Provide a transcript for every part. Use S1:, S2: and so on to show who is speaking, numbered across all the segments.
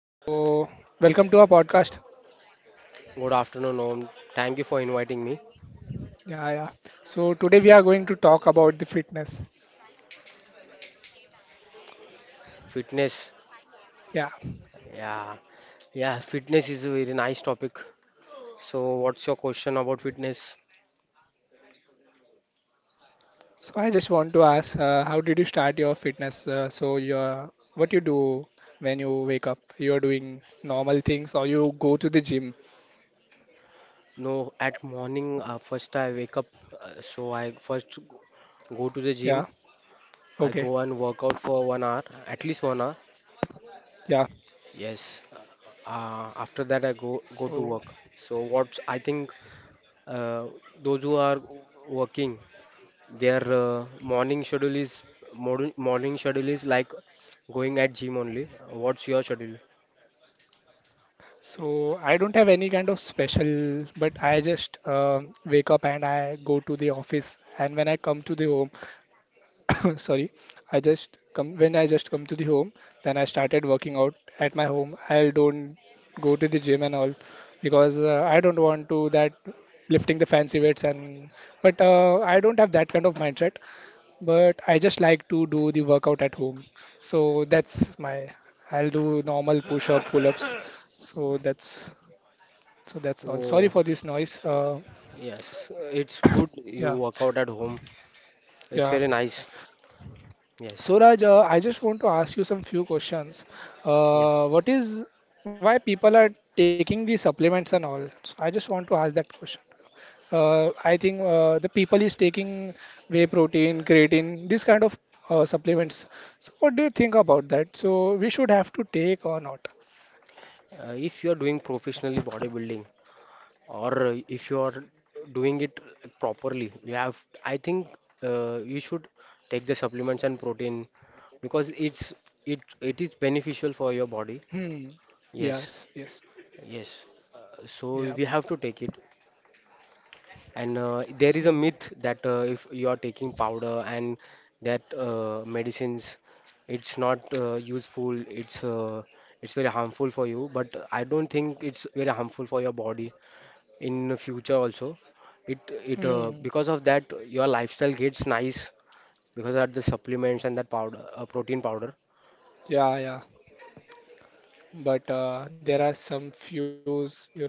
S1: So Welcome to our podcast.
S2: Good afternoon, Om. Thank you for inviting me.
S1: Yeah, yeah. So today we are going to talk about the fitness.
S2: Fitness,
S1: Yeah.
S2: yeah, yeah, fitness is a very nice topic. So, what's your question about fitness?
S1: So I just want to ask, how did you start your fitness? So your what you do when you wake up? You are doing normal things or you go to the gym?
S2: No, at morning, first I wake up, so I first go to the gym.
S1: Yeah.
S2: I
S1: Okay.
S2: go and work out for 1 hour, at least 1 hour.
S1: Yeah.
S2: Yes. After that, I go
S1: So
S2: to work. So, what I think uh, those who are working, their morning schedule is morning schedule is like going at gym only. What's your schedule?
S1: so I don't have any kind of special, but I just wake up and I go to the office, and when I come to the home, sorry, I just come when I just come to the home, then I started working out at my home. I don't go to the gym and all because I don't want to that lifting the fancy weights and but I don't have that kind of mindset, but I just like to do the workout at home. So that's my I'll do normal push up pull ups. so that's so that's all. Sorry
S2: Oh,
S1: for this noise.
S2: yes, it's good. You
S1: Yeah,
S2: work out at home. It's
S1: yeah.
S2: very nice. Yes,
S1: So Raj, I just want to ask you some few questions.
S2: yes.
S1: What is Why people are taking the supplements and all? So I just want to ask that question. I think the people is taking whey protein, creatine, this kind of supplements. So what do you think about that? So we should have to take or not?
S2: If you are doing professionally bodybuilding or if you are doing it properly, you have. I think you should take the supplements and protein because it is beneficial for your body.
S1: Hmm.
S2: Yes,
S1: Yes. Yes.
S2: yes. So
S1: Yeah.
S2: we have to take it. And there is a
S1: So.
S2: myth that if you are taking powder and that medicines, it's not useful. It's very harmful for you. But I don't think it's very harmful for your body in the future also. It it
S1: Hmm.
S2: Because of that your lifestyle gets nice because of the supplements and that powder, protein powder.
S1: Yeah. Yeah. But there are some fews,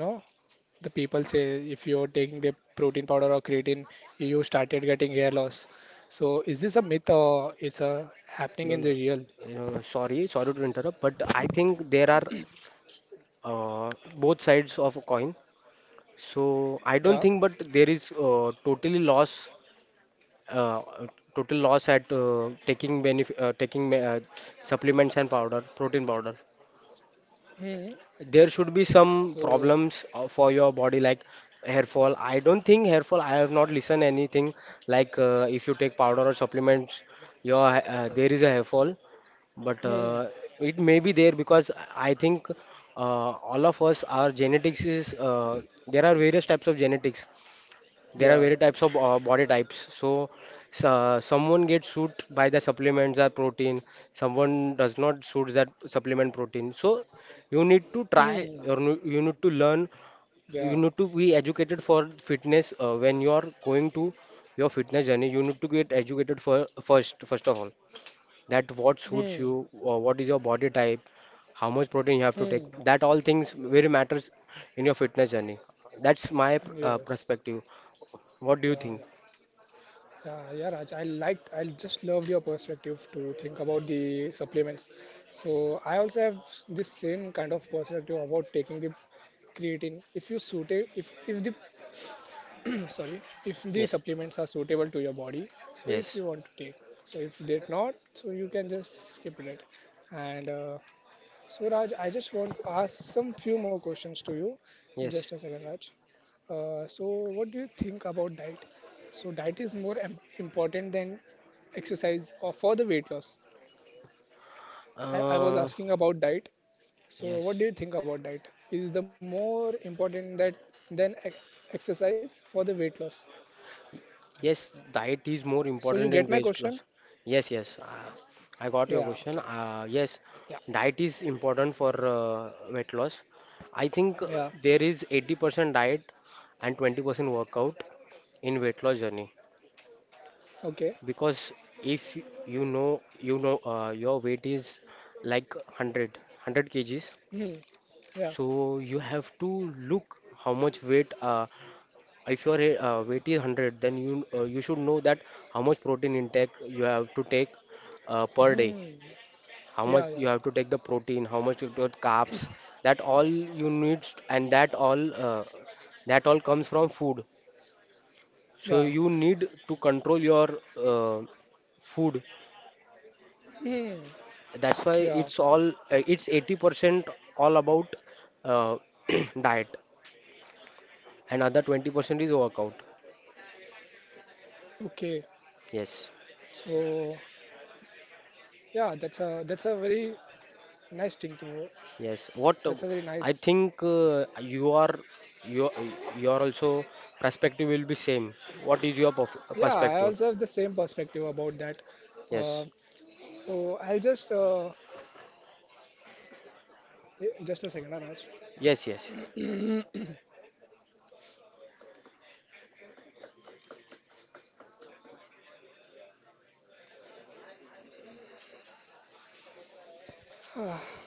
S1: the people say if you're taking the protein powder or creatine, you started getting hair loss. So is this a myth or is a happening
S2: No,
S1: in
S2: no.
S1: the real?
S2: You know, sorry, sorry to interrupt, but I think there are both sides of a coin. So I
S1: Yeah.
S2: don't think, but there is uh, total loss at taking supplements and powder, protein powder.
S1: Hmm.
S2: There should be some
S1: So.
S2: problems for your body like hair fall. I don't think hair fall. I have not listened anything like if you take powder or supplements, your there is a hair fall but
S1: Hmm.
S2: it may be there because I think all of us our genetics is there are various types of genetics, there are
S1: Yeah.
S2: very types of body types, so someone gets suit by the supplements or protein, someone does not suit that supplement protein. So you need to try,
S1: Hmm.
S2: or you need to learn,
S1: Yeah.
S2: you need to be educated for fitness. When you are going to your fitness journey, you need to get educated for first of all, that what
S1: Hmm.
S2: suits you or what is your body type, how much protein you have to
S1: Hmm.
S2: take. That all things very matters in your fitness journey. That's my
S1: Yes.
S2: perspective. What
S1: Yeah,
S2: do you
S1: yeah,
S2: think?
S1: yeah, Raj. I just loved your perspective to think about the supplements. So I also have this same kind of perspective about taking the creatine. If you suit it, if the sorry, if the
S2: Yes,
S1: supplements are suitable to your body, so if
S2: yes,
S1: you want to take, so if they're not, so you can just skip it. And So Raj, I just want to ask some few more questions to you.
S2: yes.
S1: Just a second, Raj. So what do you think about diet? So diet is more important than exercise or for the weight loss? I was
S2: Uh,
S1: asking about diet. So
S2: yes,
S1: what do you think about diet? Is the more important that than exercise for the weight loss?
S2: yes. Diet is more
S1: So you
S2: important
S1: get my
S2: than weight
S1: question?
S2: loss. Yes, yes. I got your
S1: Yeah, okay.
S2: question. Yes,
S1: Yeah,
S2: diet is important for weight loss. I think
S1: yeah,
S2: there is 80% diet and 20% workout in weight loss journey,
S1: okay.
S2: because if you know, you know your weight is like 100 kgs.
S1: Hmm. Yeah.
S2: So you have to look how much weight. If your weight is 100, then you you should know that how much protein intake you have to take per day.
S1: Hmm.
S2: How
S1: Yeah,
S2: much
S1: yeah,
S2: you have to take the protein, how much you got carbs. That all you need, and that all comes from food. So
S1: yeah.
S2: you need to control your uh, food.
S1: Hmm.
S2: That's why
S1: Yeah.
S2: it's all it's 80% all about uh, diet, and other 20% is workout.
S1: Okay.
S2: Yes,
S1: So yeah, that's a very nice thing to.
S2: yes.
S1: That's
S2: What
S1: a very
S2: I
S1: nice.
S2: think you are you you are also perspective will be same. What is your
S1: Yeah, I
S2: perspective?
S1: also have the same perspective about that. Uh,
S2: Yes,
S1: so I'll just just a second, Anaj.
S2: yes, yes.